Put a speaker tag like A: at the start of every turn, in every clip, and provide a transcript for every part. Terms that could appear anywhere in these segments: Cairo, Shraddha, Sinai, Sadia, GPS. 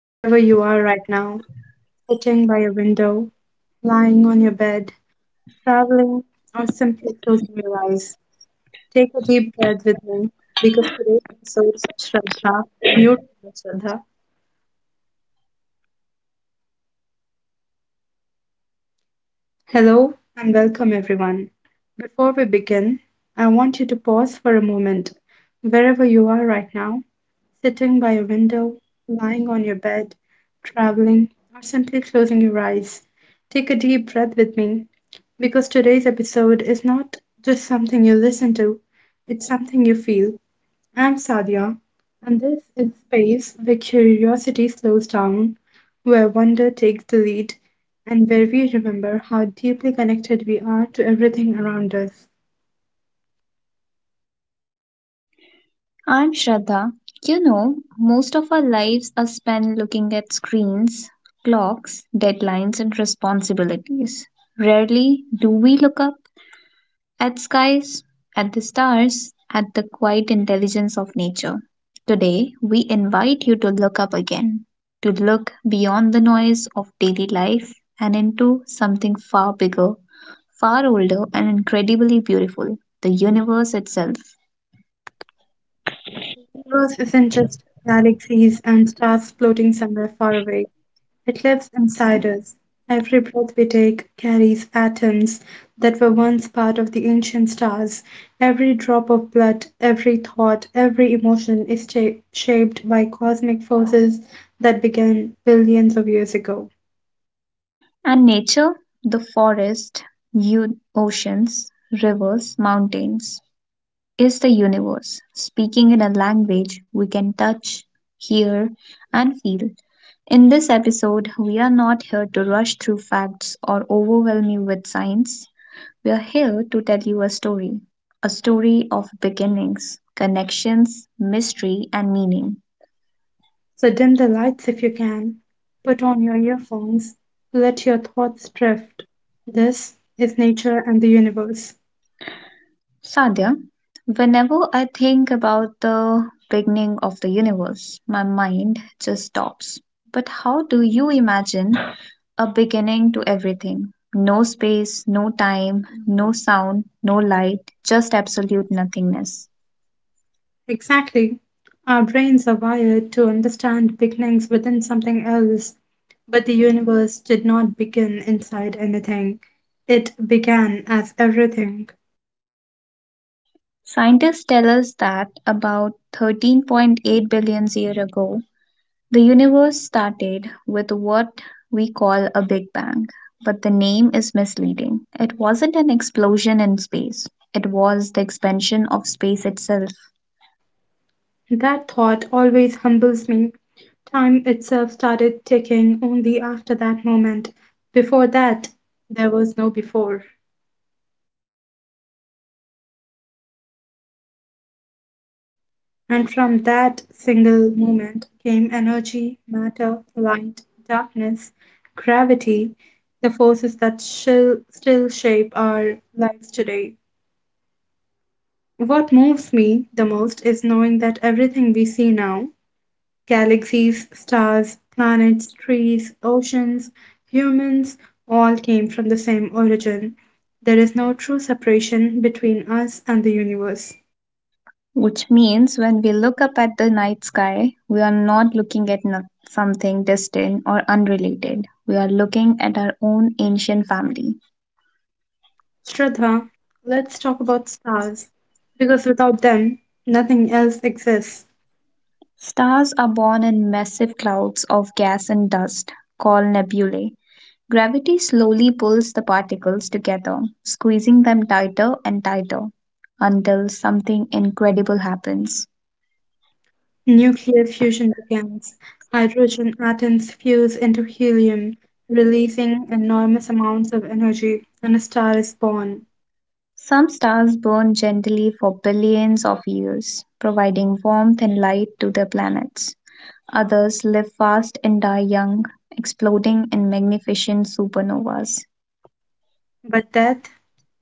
A: wherever you are right now, sitting by a window, lying on your bed, traveling, or simply closing your eyes. Take a deep breath with me because today's episode, Shraddha, mute with Shraddha, Hello and welcome everyone. Before we begin, I want you to pause for a moment wherever you are right now, sitting by a window, lying on your bed, traveling, or simply closing your eyes. Take a deep breath with me because today's episode is not just something you listen to, it's something you feel. I'm Sadia, and this is space where curiosity slows down, where wonder takes the lead, and where we remember how deeply connected we are to everything around us.
B: I'm Shraddha. You know, most of our lives are spent looking at screens, clocks, deadlines, and responsibilities. Rarely do we look up at skies, at the stars, at the quiet intelligence of nature. Today, we invite you to look up again, to look beyond the noise of daily life and into something far bigger, far older, and incredibly beautiful the universe itself.
A: The universe isn't just galaxies and stars floating somewhere far away. It lives inside us. Every breath we take carries atoms that were once part of the ancient stars. Every drop of blood, every thought, every emotion is shaped by cosmic forces that began billions of years ago.
B: And nature, the forest, oceans, rivers, mountains, is the universe, speaking in a language we can touch, hear, and feel. In this episode, we are not here to rush through facts or overwhelm you with science. We are here to tell you a story of beginnings, connections, mystery, and meaning.
A: So dim the lights if you can. Put on your earphones. Let your thoughts drift. This is nature and the universe.
B: Sadia, whenever I think about the beginning of the universe, my mind just stops. But how do you imagine a beginning to everything? No space, no time, no sound, no light, just absolute nothingness.
A: Exactly. Our brains are wired to understand beginnings within something else, but the universe did not begin inside anything. It began as everything.
B: Scientists tell us that about 13.8 billion years ago, the universe started with what we call a Big Bang, but the name is misleading. It wasn't an explosion in space, it was the expansion of space itself.
A: That thought always humbles me. Time itself started ticking only after that moment. Before that, there was no before. And from that single moment came energy, matter, light, darkness, gravity, the forces that still shape our lives today. What moves me the most is knowing that everything we see now, galaxies, stars, planets, trees, oceans, humans, all came from the same origin. There is no true separation between us and the universe.
B: Which means when we look up at the night sky, we are not looking at something distant or unrelated. We are looking at our own ancient family.
A: Shraddha, let's talk about stars, because without them, nothing else exists.
B: Stars are born in massive clouds of gas and dust called nebulae. Gravity slowly pulls the particles together, squeezing them tighter and tighter until something incredible happens.
A: Nuclear fusion begins. Hydrogen atoms fuse into helium, releasing enormous amounts of energy, and a star is born.
B: Some stars burn gently for billions of years, providing warmth and light to their planets. Others live fast and die young, exploding in magnificent supernovas.
A: But death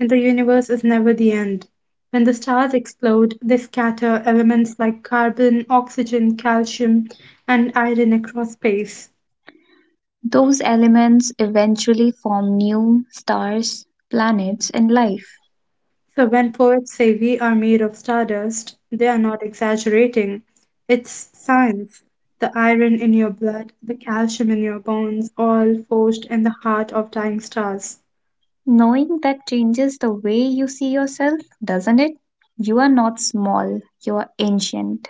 A: in the universe is never the end. When the stars explode, they scatter elements like carbon, oxygen, calcium, and iron across space.
B: Those elements eventually form new stars, planets, and life.
A: So when poets say we are made of stardust, they are not exaggerating. It's science. The iron in your blood, the calcium in your bones, all forged in the heart of dying stars.
B: Knowing that changes the way you see yourself, doesn't it? You are not small, you are ancient.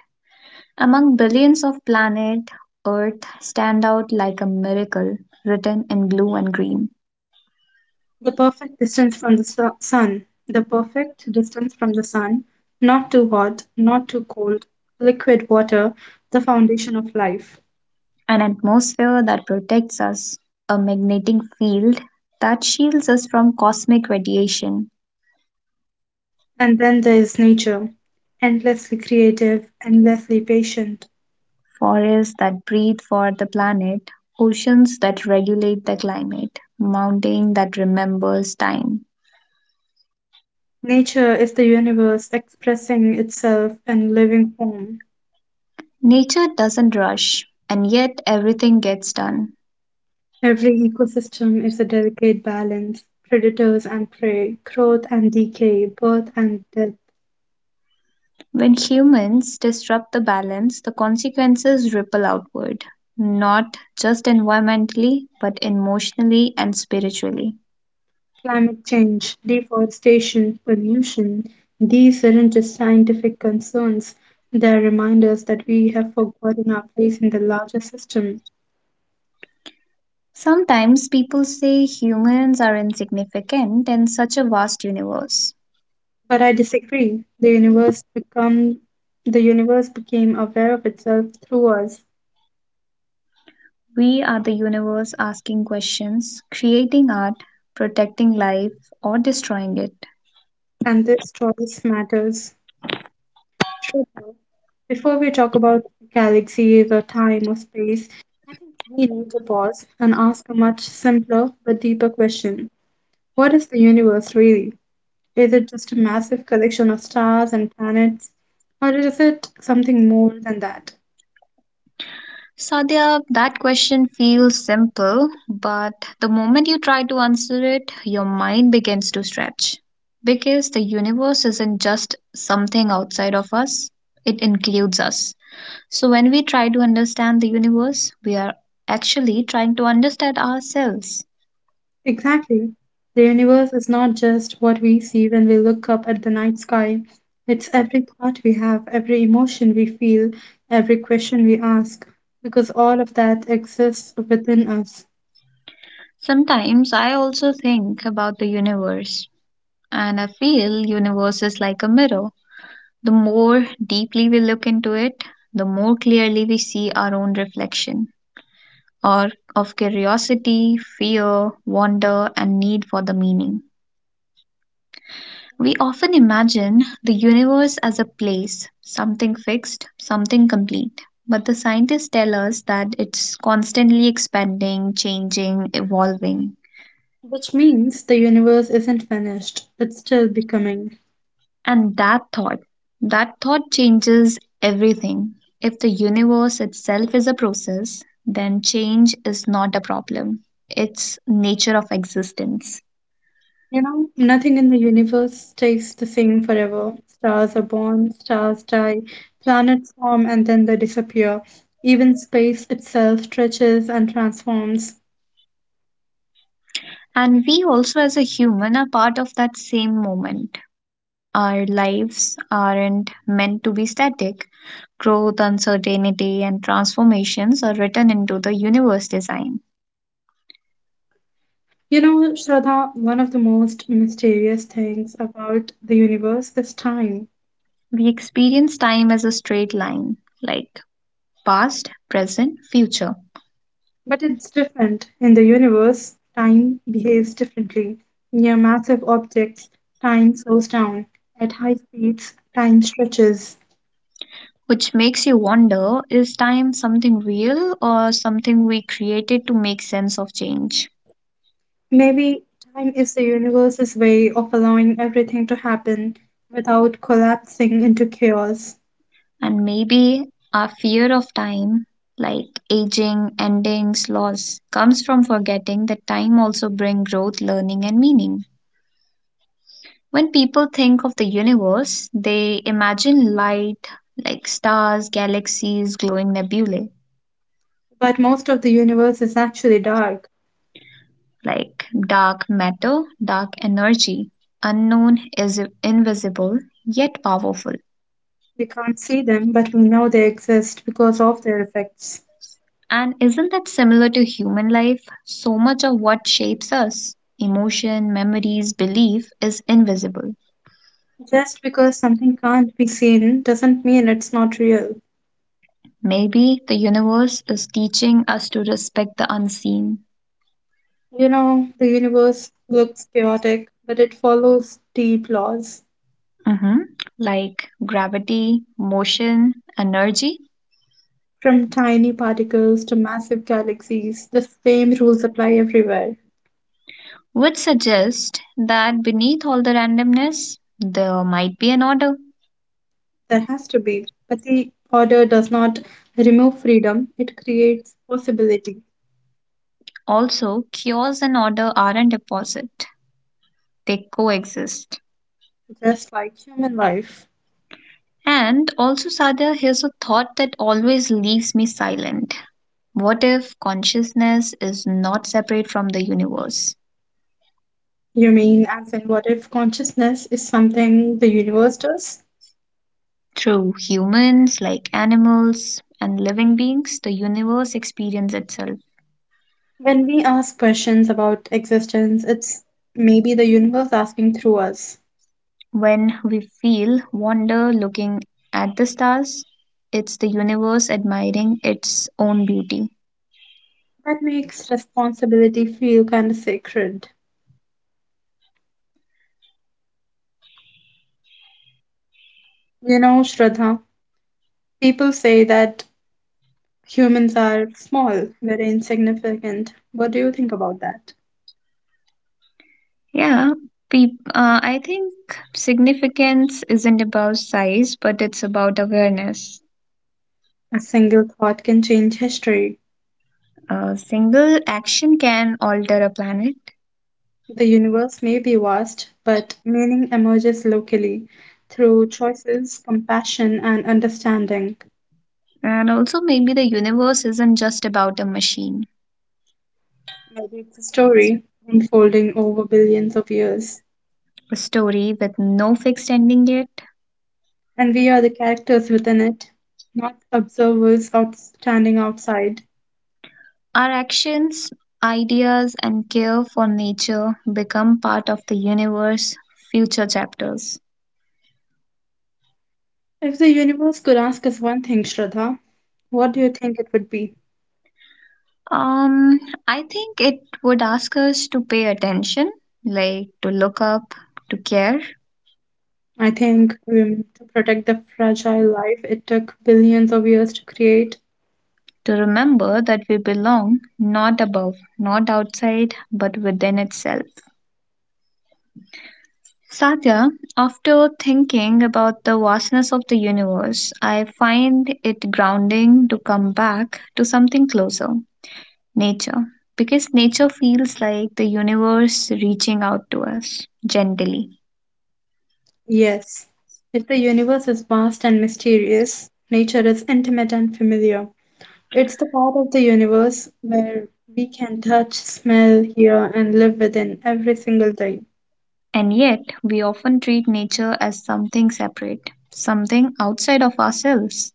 B: Among billions of planet, Earth stand out like a miracle written in blue and green.
A: The perfect distance from the su- sun. The perfect distance from the sun. Not too hot, not too cold. Liquid water, the foundation of life.
B: An atmosphere that protects us, a magnetic field that shields us from cosmic radiation,
A: And then there is nature. Endlessly creative, endlessly patient.
B: forests that breathe for the planet, oceans that regulate the climate, mountain that remembers time.
A: Nature is the universe expressing itself in living form.
B: Nature doesn't rush, and yet everything gets done.
A: Every ecosystem is a delicate balance, predators and prey, growth and decay, birth and death,
B: When humans disrupt the balance, the consequences ripple outward, not just environmentally, but emotionally and spiritually.
A: climate change, deforestation, pollution. These aren't just scientific concerns, they are reminders that we have forgotten our place in the larger system.
B: Sometimes people say humans are insignificant in such a vast universe.
A: But I disagree. The universe became aware of itself through us,
B: We are the universe asking questions, creating art, protecting life, or destroying it.
A: and this choice matters. Sure. Before we talk about galaxies or time or space, I think we need to pause and ask a much simpler but deeper question. What is the universe really? Is it just a massive collection of stars and planets, or is it something more than that?
B: Sadia, that question feels simple, but the moment you try to answer it, your mind begins to stretch. Because the universe isn't just something outside of us, it includes us. So when we try to understand the universe, we are actually trying to understand ourselves.
A: Exactly. The universe is not just what we see when we look up at the night sky. It's every thought we have, every emotion we feel, every question we ask, because all of that exists within us.
B: Sometimes I also think about the universe, and I feel universe is like a mirror. The more deeply we look into it, the more clearly we see our own reflection. Or of curiosity, fear, wonder, and need for the meaning. We often imagine the universe as a place, something fixed, something complete. But the scientists tell us that it's constantly expanding, changing, evolving.
A: Which means the universe isn't finished, it's still becoming.
B: And that thought changes everything. If the universe itself is a process, then change is not a problem. It's nature of existence.
A: You know, nothing in the universe stays the same forever. Stars are born, stars die, planets form and then they disappear. Even space itself stretches and transforms.
B: And we also, as a human, are part of that same moment. Our lives aren't meant to be static. Growth, uncertainty, and transformations are written into the universe design.
A: You know, Shraddha, one of the most mysterious things about the universe is time.
B: We experience time as a straight line, like past, present, future,
A: But it's different. In the universe, time behaves differently. Near massive objects, time slows down. At high speeds, time stretches.
B: which makes you wonder is time something real or something we created to make sense of change?
A: Maybe time is the universe's way of allowing everything to happen without collapsing into chaos.
B: And maybe our fear of time, like aging, endings, loss, comes from forgetting that time also brings growth, learning, and meaning. When people think of the universe, they imagine light like stars, galaxies, glowing nebulae,
A: But most of the universe is actually dark.
B: like dark matter, dark energy, unknown is invisible yet powerful.
A: We can't see them, but we know they exist because of their effects.
B: And isn't that similar to human life? So much of what shapes us, emotion, memories, belief, is invisible.
A: Just because something can't be seen doesn't mean it's not real.
B: Maybe the universe is teaching us to respect the unseen.
A: You know, the universe looks chaotic, but it follows deep laws.
B: Mhm. Like gravity, motion, energy,
A: From tiny particles to massive galaxies, the same rules apply everywhere.
B: which suggests that beneath all the randomness, there might be an order.
A: There has to be. But the order does not remove freedom, it creates possibility,
B: Also, chaos and order aren't opposite, they coexist.
A: just like human life.
B: And also, Sadia, here's a thought that always leaves me silent. What if consciousness is not separate from the universe?
A: You mean, as in, what if consciousness is something the universe does?
B: Through humans, like animals and living beings, the universe experiences itself.
A: When we ask questions about existence, it's maybe the universe asking through us.
B: When we feel wonder looking at the stars, it's the universe admiring its own beauty.
A: That makes responsibility feel kind of sacred. You know, Shraddha, people say that humans are small, very insignificant. What do you think about that?
B: Yeah, peop I think significance isn't about size, but it's about awareness.
A: A single thought can change history.
B: A single action can alter a planet.
A: The universe may be vast, but meaning emerges locally through choices, compassion, and understanding.
B: And also, maybe the universe isn't just about a machine,
A: Maybe it's a story unfolding over billions of years,
B: a story with no fixed ending yet.
A: and we are the characters within it, not observers out standing outside.
B: Our actions, ideas, and care for nature become part of the universe future chapters.
A: If the universe could ask us one thing, Shraddha, what do you think it would be?
B: Um, I think it would ask us to pay attention, like to look up, to care,
A: I think to protect the fragile life it took billions of years to create.
B: to remember that we belong not above, not outside, but within itself. Satya, after thinking about the vastness of the universe, I find it grounding to come back to something closer nature. Because nature feels like the universe reaching out to us gently.
A: Yes. If the universe is vast and mysterious, nature is intimate and familiar. It's the part of the universe where we can touch, smell, hear, and live within every single day.
B: And yet, we often treat nature as something separate, something outside of ourselves.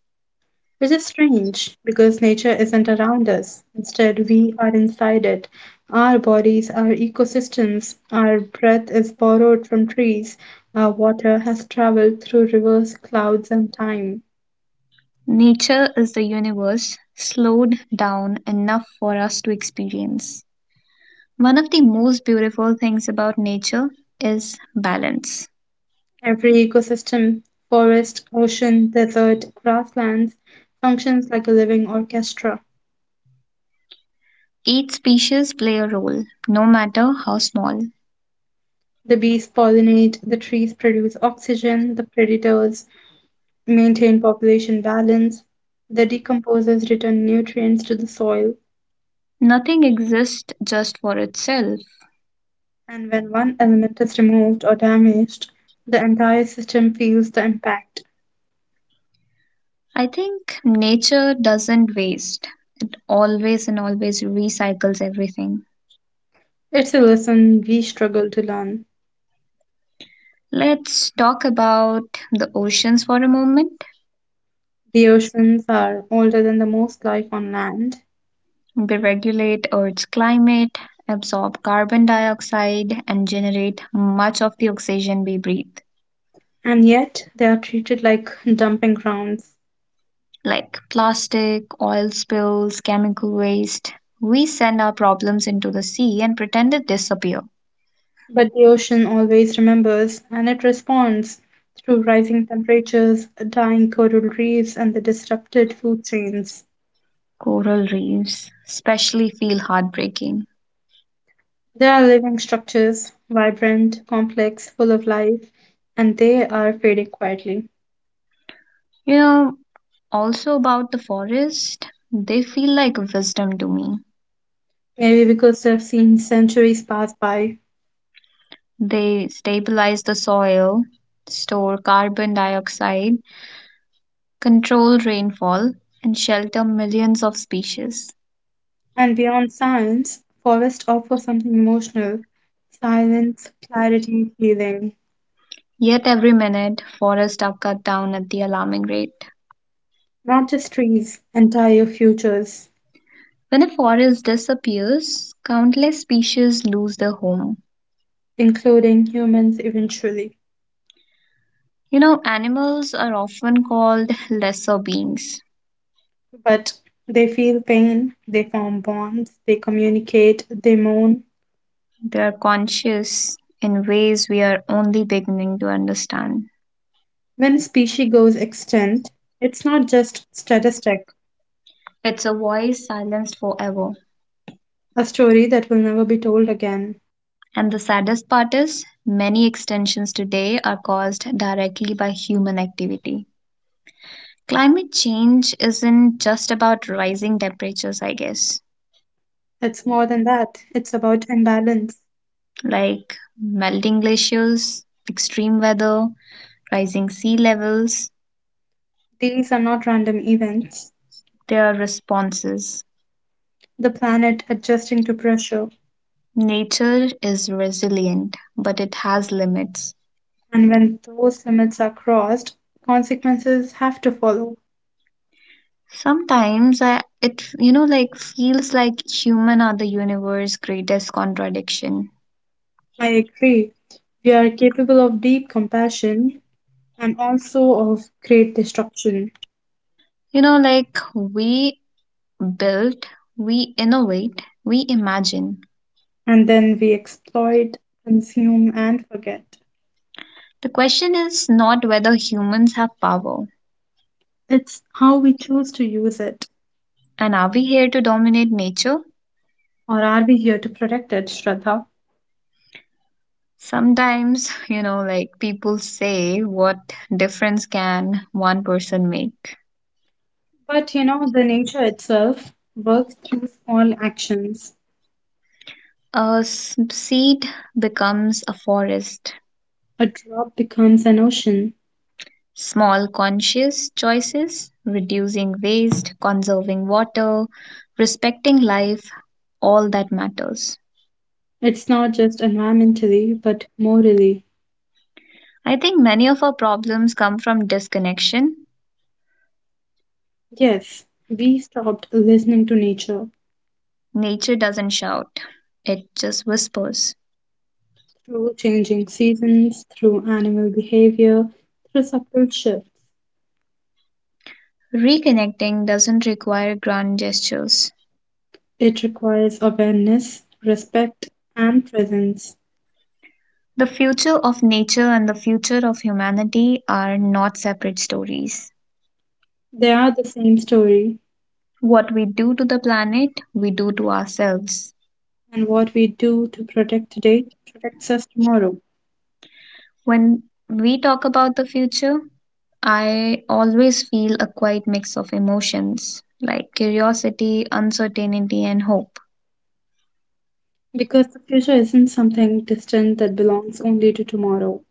A: Which is strange because nature isn't around us. Instead, we are inside it. Our bodies, our ecosystems, our breath is borrowed from trees. Our water has traveled through rivers, clouds, and time.
B: Nature is the universe slowed down enough for us to experience. One of the most beautiful things about nature is balance.
A: Every ecosystem, forest, ocean, desert, grasslands, functions like a living orchestra.
B: Each species play a role, no matter how small.
A: The bees pollinate, the trees produce oxygen, the predators maintain population balance, the decomposers return nutrients to the soil.
B: Nothing exists just for itself.
A: And when one element is removed or damaged, the entire system feels the impact.
B: I think nature doesn't waste, it always and always recycles everything.
A: It's a lesson we struggle to learn.
B: Let's talk about the oceans for a moment.
A: The oceans are older than the most life on land,
B: They regulate Earth's climate, absorb carbon dioxide, and generate much of the oxygen we breathe.
A: and yet they are treated like dumping grounds.
B: Like plastic, oil spills, chemical waste. We send our problems into the sea and pretend it disappears.
A: But the ocean always remembers and it responds through rising temperatures, dying coral reefs, and the disrupted food chains.
B: Coral reefs especially feel heartbreaking.
A: They are living structures, vibrant, complex, full of life, and they are fading quietly.
B: You know, also about the forest, they feel like wisdom to me.
A: Maybe because they've seen centuries pass by.
B: They stabilize the soil, store carbon dioxide, control rainfall, and shelter millions of species.
A: And beyond science, forests offer something emotional, silence, clarity, healing.
B: Yet every minute, forests are cut down at the alarming rate.
A: Not just trees, entire futures,
B: When a forest disappears, countless species lose their home.
A: including humans eventually.
B: You know, animals are often called lesser beings.
A: But they feel pain, they form bonds, they communicate, they mourn.
B: They are conscious in ways we are only beginning to understand.
A: When a species goes extinct, it's not just statistic,
B: It's a voice silenced forever.
A: a story that will never be told again.
B: And the saddest part is, many extinctions today are caused directly by human activity. Climate change isn't just about rising temperatures, I guess,
A: It's more than that, it's about imbalance.
B: like melting glaciers, extreme weather, rising sea levels,
A: These are not random events.
B: there are responses.
A: The planet adjusting to pressure,
B: Nature is resilient, but it has limits.
A: and when those limits are crossed, consequences have to follow.
B: Sometimes it like feels like human are the universe's greatest contradiction.
A: I agree. We are capable of deep compassion and also of great destruction,
B: You know like we build, we innovate, we imagine.
A: and then we exploit, consume, and forget.
B: The question is not whether humans have power
A: It's how we choose to use it,
B: and are we here to dominate nature.
A: or are we here to protect it, Shraddha?
B: Sometimes, like people say, what difference can one person make?
A: But you know, the nature itself works through small actions.
B: A seed becomes a forest.
A: A drop becomes an ocean.
B: Small conscious choices, reducing waste, conserving water, respecting life, all that matters.
A: It's not just environmentally, but morally.
B: I think many of our problems come from disconnection.
A: Yes, we stopped listening to nature
B: Nature doesn't shout, it just whispers.
A: through changing seasons, through animal behavior, through subtle shifts.
B: Reconnecting doesn't require grand gestures.
A: It requires awareness, respect, and presence.
B: The future of nature and the future of humanity are not separate stories.
A: They are the same story,
B: What we do to the planet, we do to ourselves.
A: and what we do to protect today protects us tomorrow.
B: When we talk about the future, I always feel a quite mix of emotions like curiosity, uncertainty, and hope.
A: Because the future isn't something distant that belongs only to tomorrow,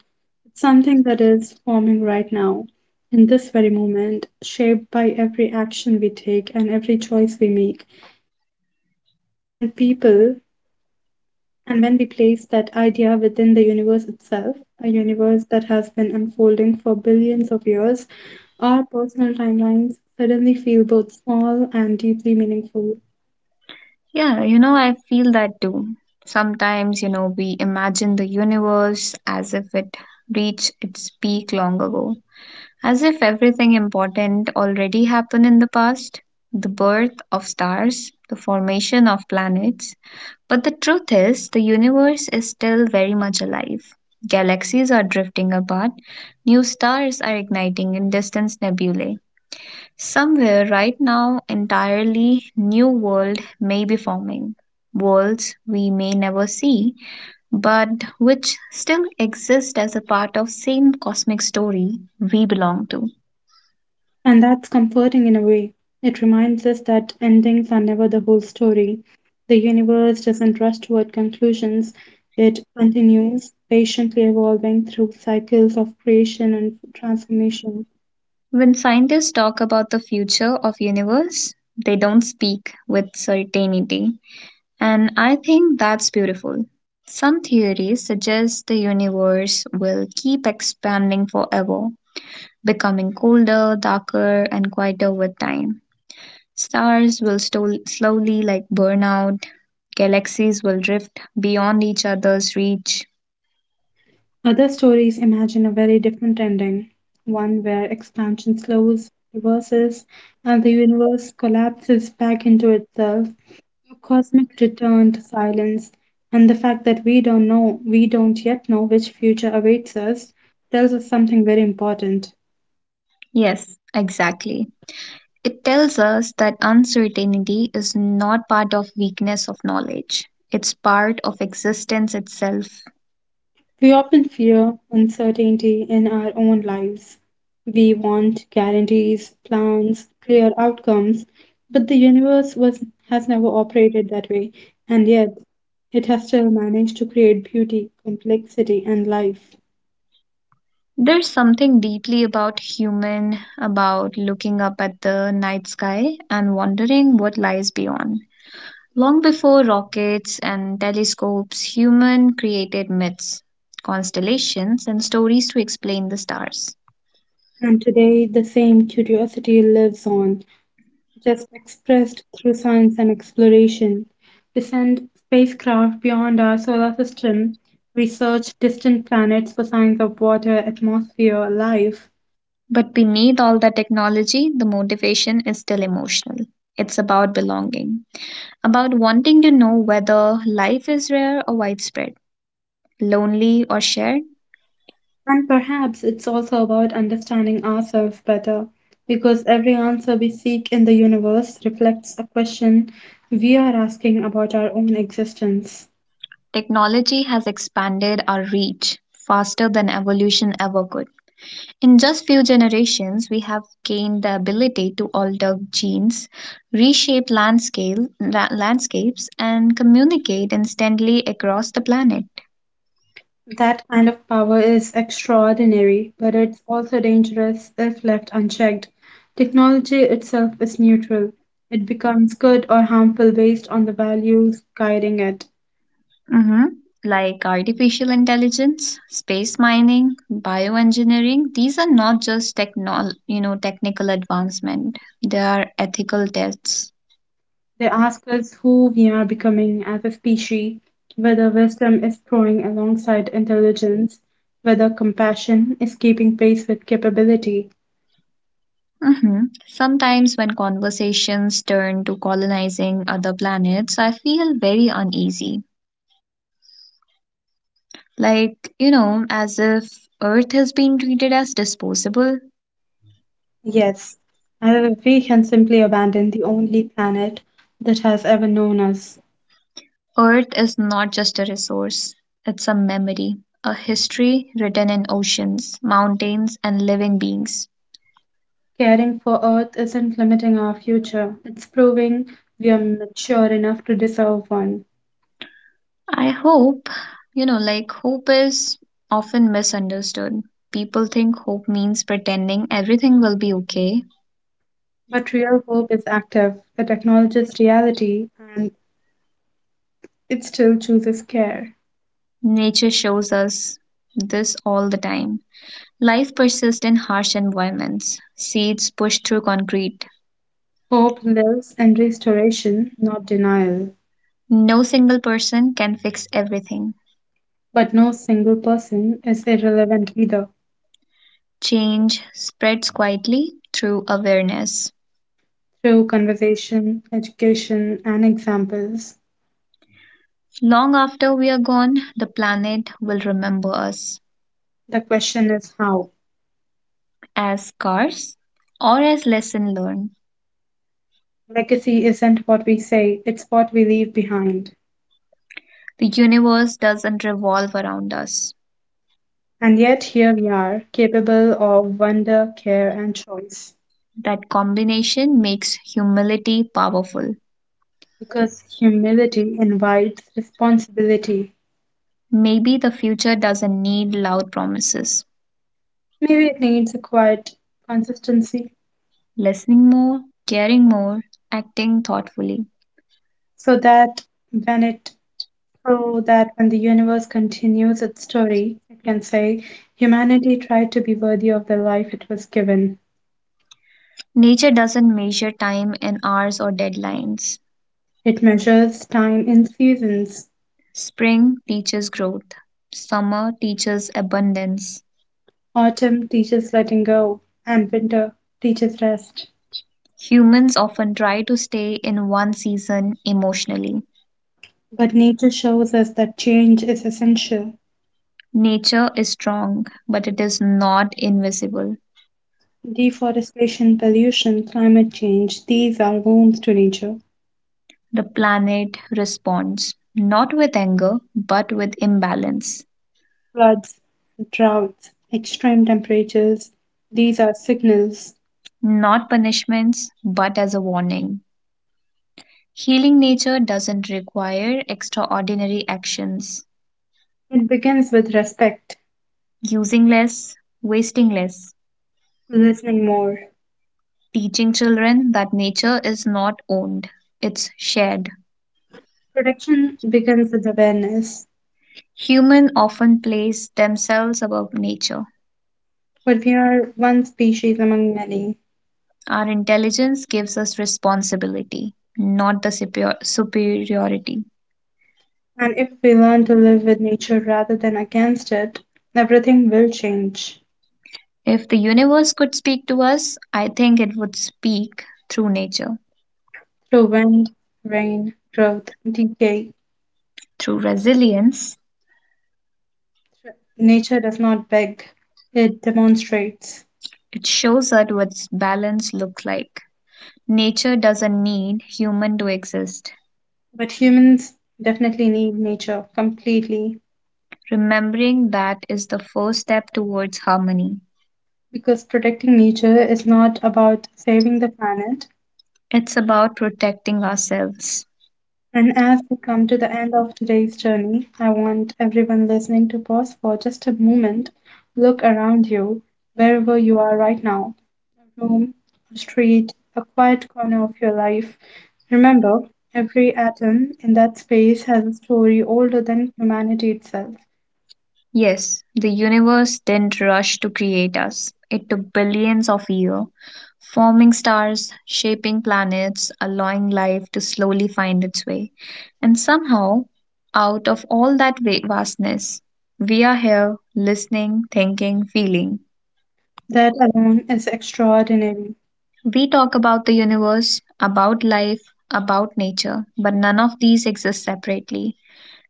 A: something that is forming right now, in this very moment, shaped by every action we take and every choice we make. And when people and when we place that idea within the universe itself, a universe that has been unfolding for billions of years, our personal timelines suddenly feel both small and deeply meaningful.
B: Yeah, you know, I feel that too. Sometimes, you know, we imagine the universe as if it reached its peak long ago, as if everything important already happened in the past the birth of stars, the formation of planets. But the truth is, the universe is still very much alive. Galaxies are drifting apart, new stars are igniting in distant nebulae. Somewhere right now, entirely new world may be forming. Worlds we may never see, but which still exist as a part of same cosmic story we belong to.
A: And that's comforting in a way. It reminds us that endings are never the whole story. The universe doesn't rush toward conclusions, it continues, patiently evolving through cycles of creation and transformation.
B: When scientists talk about the future of universe, they don't speak with certainty, and I think that's beautiful. Some theories suggest the universe will keep expanding forever, becoming colder, darker, and quieter with time. Stars will slowly like burn out, galaxies will drift beyond each other's reach.
A: Other stories imagine a very different ending, one where expansion slows, reverses, and the universe collapses back into itself. A cosmic return to silence, and the fact that we don't yet know which future awaits us, tells us something very important.
B: Yes, exactly. It tells us that uncertainty is not part of weakness of knowledge. It's part of existence itself.
A: We often fear uncertainty in our own lives. We want guarantees, plans, clear outcomes, but the universe has never operated that way, and yet it has still managed to create beauty, complexity, and life.
B: There's something deeply about human about looking up at the night sky and wondering what lies beyond. Long before rockets and telescopes, human created myths, constellations and stories to explain the stars.
A: And today, the same curiosity lives on, just expressed through science and exploration. We send spacecraft beyond our solar system, we search distant planets for signs of water, atmosphere, life.
B: But beneath all the technology, the motivation is still emotional. It's about belonging about wanting to know whether life is rare or widespread, lonely or shared.
A: And perhaps it's also about understanding ourselves better, because every answer we seek in the universe reflects a question we are asking about our own existence.
B: Technology has expanded our reach faster than evolution ever could. In just few generations, we have gained the ability to alter genes, reshape landscapes, and communicate instantly across the planet.
A: That kind of power is extraordinary, but it's also dangerous if left unchecked. Technology itself is neutral. It becomes good or harmful based on the values guiding it.
B: Hmm. Like artificial intelligence, space mining, bioengineering, these are not just technical advancement. They are ethical tests.
A: They ask us who we are becoming as a species, whether wisdom is growing alongside intelligence, whether compassion is keeping pace with capability.
B: Hmm. Sometimes when conversations turn to colonizing other planets, I feel very uneasy. Like, you know, as if Earth has been treated as disposable.
A: Yes, as if we can simply abandon the only planet that has ever known us.
B: Earth is not just a resource, it's a memory, a history written in oceans, mountains, and living beings.
A: Caring for Earth isn't limiting our future, it's proving we are mature enough to deserve one.
B: I hope, you know, like hope is often misunderstood. People think hope means pretending everything will be okay.
A: But real hope is active, it acknowledges reality, and it still chooses care.
B: Nature shows us this all the time. Life persists in harsh environments, seeds pushed through concrete.
A: Hope lives in restoration, not denial.
B: No single person can fix everything.
A: But no single person is irrelevant either.
B: Change spreads quietly through awareness.
A: Through conversation, education, and examples,
B: Long after we are gone, the planet will remember us
A: the question is how.
B: as scars or as lesson learned.
A: Legacy isn't what we say, it's what we leave behind.
B: The universe doesn't revolve around us.
A: And yet here we are, capable of wonder, care, and choice.
B: That combination makes humility powerful.
A: Because humility invites responsibility.
B: Maybe the future doesn't need loud promises.
A: Maybe it needs a quiet consistency,
B: Listening more, caring more, acting thoughtfully.
A: so that when it so that when the universe continues its story, it can say humanity tried to be worthy of the life it was given.
B: Nature doesn't measure time in hours or deadlines.
A: It measures time in seasons.
B: Spring teaches growth, summer teaches abundance.
A: Autumn teaches letting go, and winter teaches rest.
B: Humans often try to stay in one season emotionally.
A: But nature shows us that change is essential.
B: Nature is strong, but it is not invisible.
A: Deforestation, pollution, climate change, these are wounds to nature.
B: The planet responds not with anger but with imbalance,
A: Floods, droughts, extreme temperatures, these are signals.
B: not punishments but as a warning. Healing nature doesn't require extraordinary actions.
A: It begins with respect,
B: Using less, wasting less,
A: listening more.
B: teaching children that nature is not owned, it's shared.
A: Protection begins with awareness.
B: Human often place themselves above nature.
A: But we are one species among many,
B: Our intelligence gives us responsibility, not the superiority.
A: and if we learn to live with nature rather than against it, everything will change.
B: If the universe could speak to us, I think it would speak through nature.
A: Through wind, rain, growth, decay,
B: Through resilience,
A: nature does not beg, it demonstrates.
B: it shows us what balance looks like. Nature doesn't need human to exist.
A: But humans definitely need nature completely
B: Remembering that is the first step towards harmony.
A: because protecting nature is not about saving the planet.
B: It's about protecting ourselves.
A: And as we come to the end of today's journey, I want everyone listening to pause for just a moment, look around you, wherever you are right now, a room, a street, a quiet corner of your life. Remember, every atom in that space has a story older than humanity itself.
B: Yes, the universe didn't rush to create us. It took billions of years, forming stars, shaping planets, allowing life to slowly find its way. And somehow, out of all that vastness, we are here listening, thinking, feeling.
A: That alone is extraordinary.
B: We talk about the universe, about life, about nature, but none of these exist separately.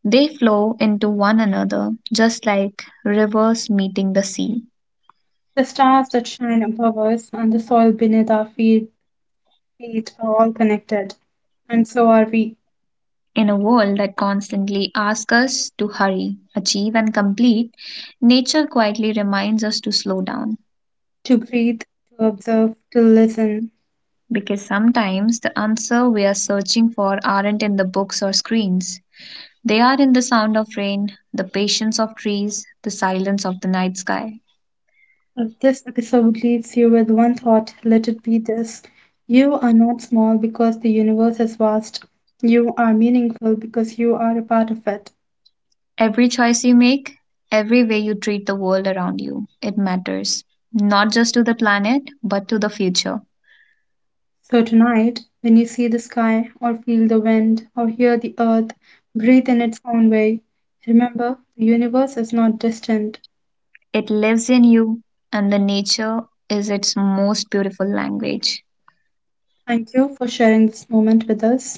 B: They flow into one another, just like rivers meeting the sea.
A: The stars that shine above us and the soil beneath our feet, are all connected, and so are we.
B: In a world that constantly asks us to hurry, achieve, and complete, nature quietly reminds us to slow down.
A: To breathe, to observe, to listen.
B: Because sometimes the answer we are searching for aren't in the books or screens. They are in the sound of rain, the patience of trees, the silence of the night sky.
A: If this episode leaves you with one thought, let it be this. You are not small because the universe is vast. You are meaningful because you are a part of it.
B: Every choice you make, every way you treat the world around you, it matters. Not just to the planet, but to the future.
A: So tonight, when you see the sky, or feel the wind, or hear the earth breathe in its own way, remember the universe is not distant.
B: It lives in you, and the nature is its most beautiful language.
A: Thank you for sharing this moment with us.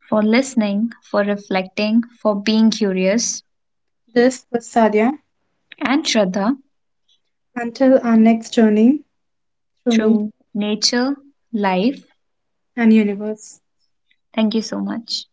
B: For listening, for reflecting, for being curious,
A: This was Sadia.
B: and Shraddha
A: Until our next journey through nature
B: through nature, life.
A: and universe.
B: Thank you so much.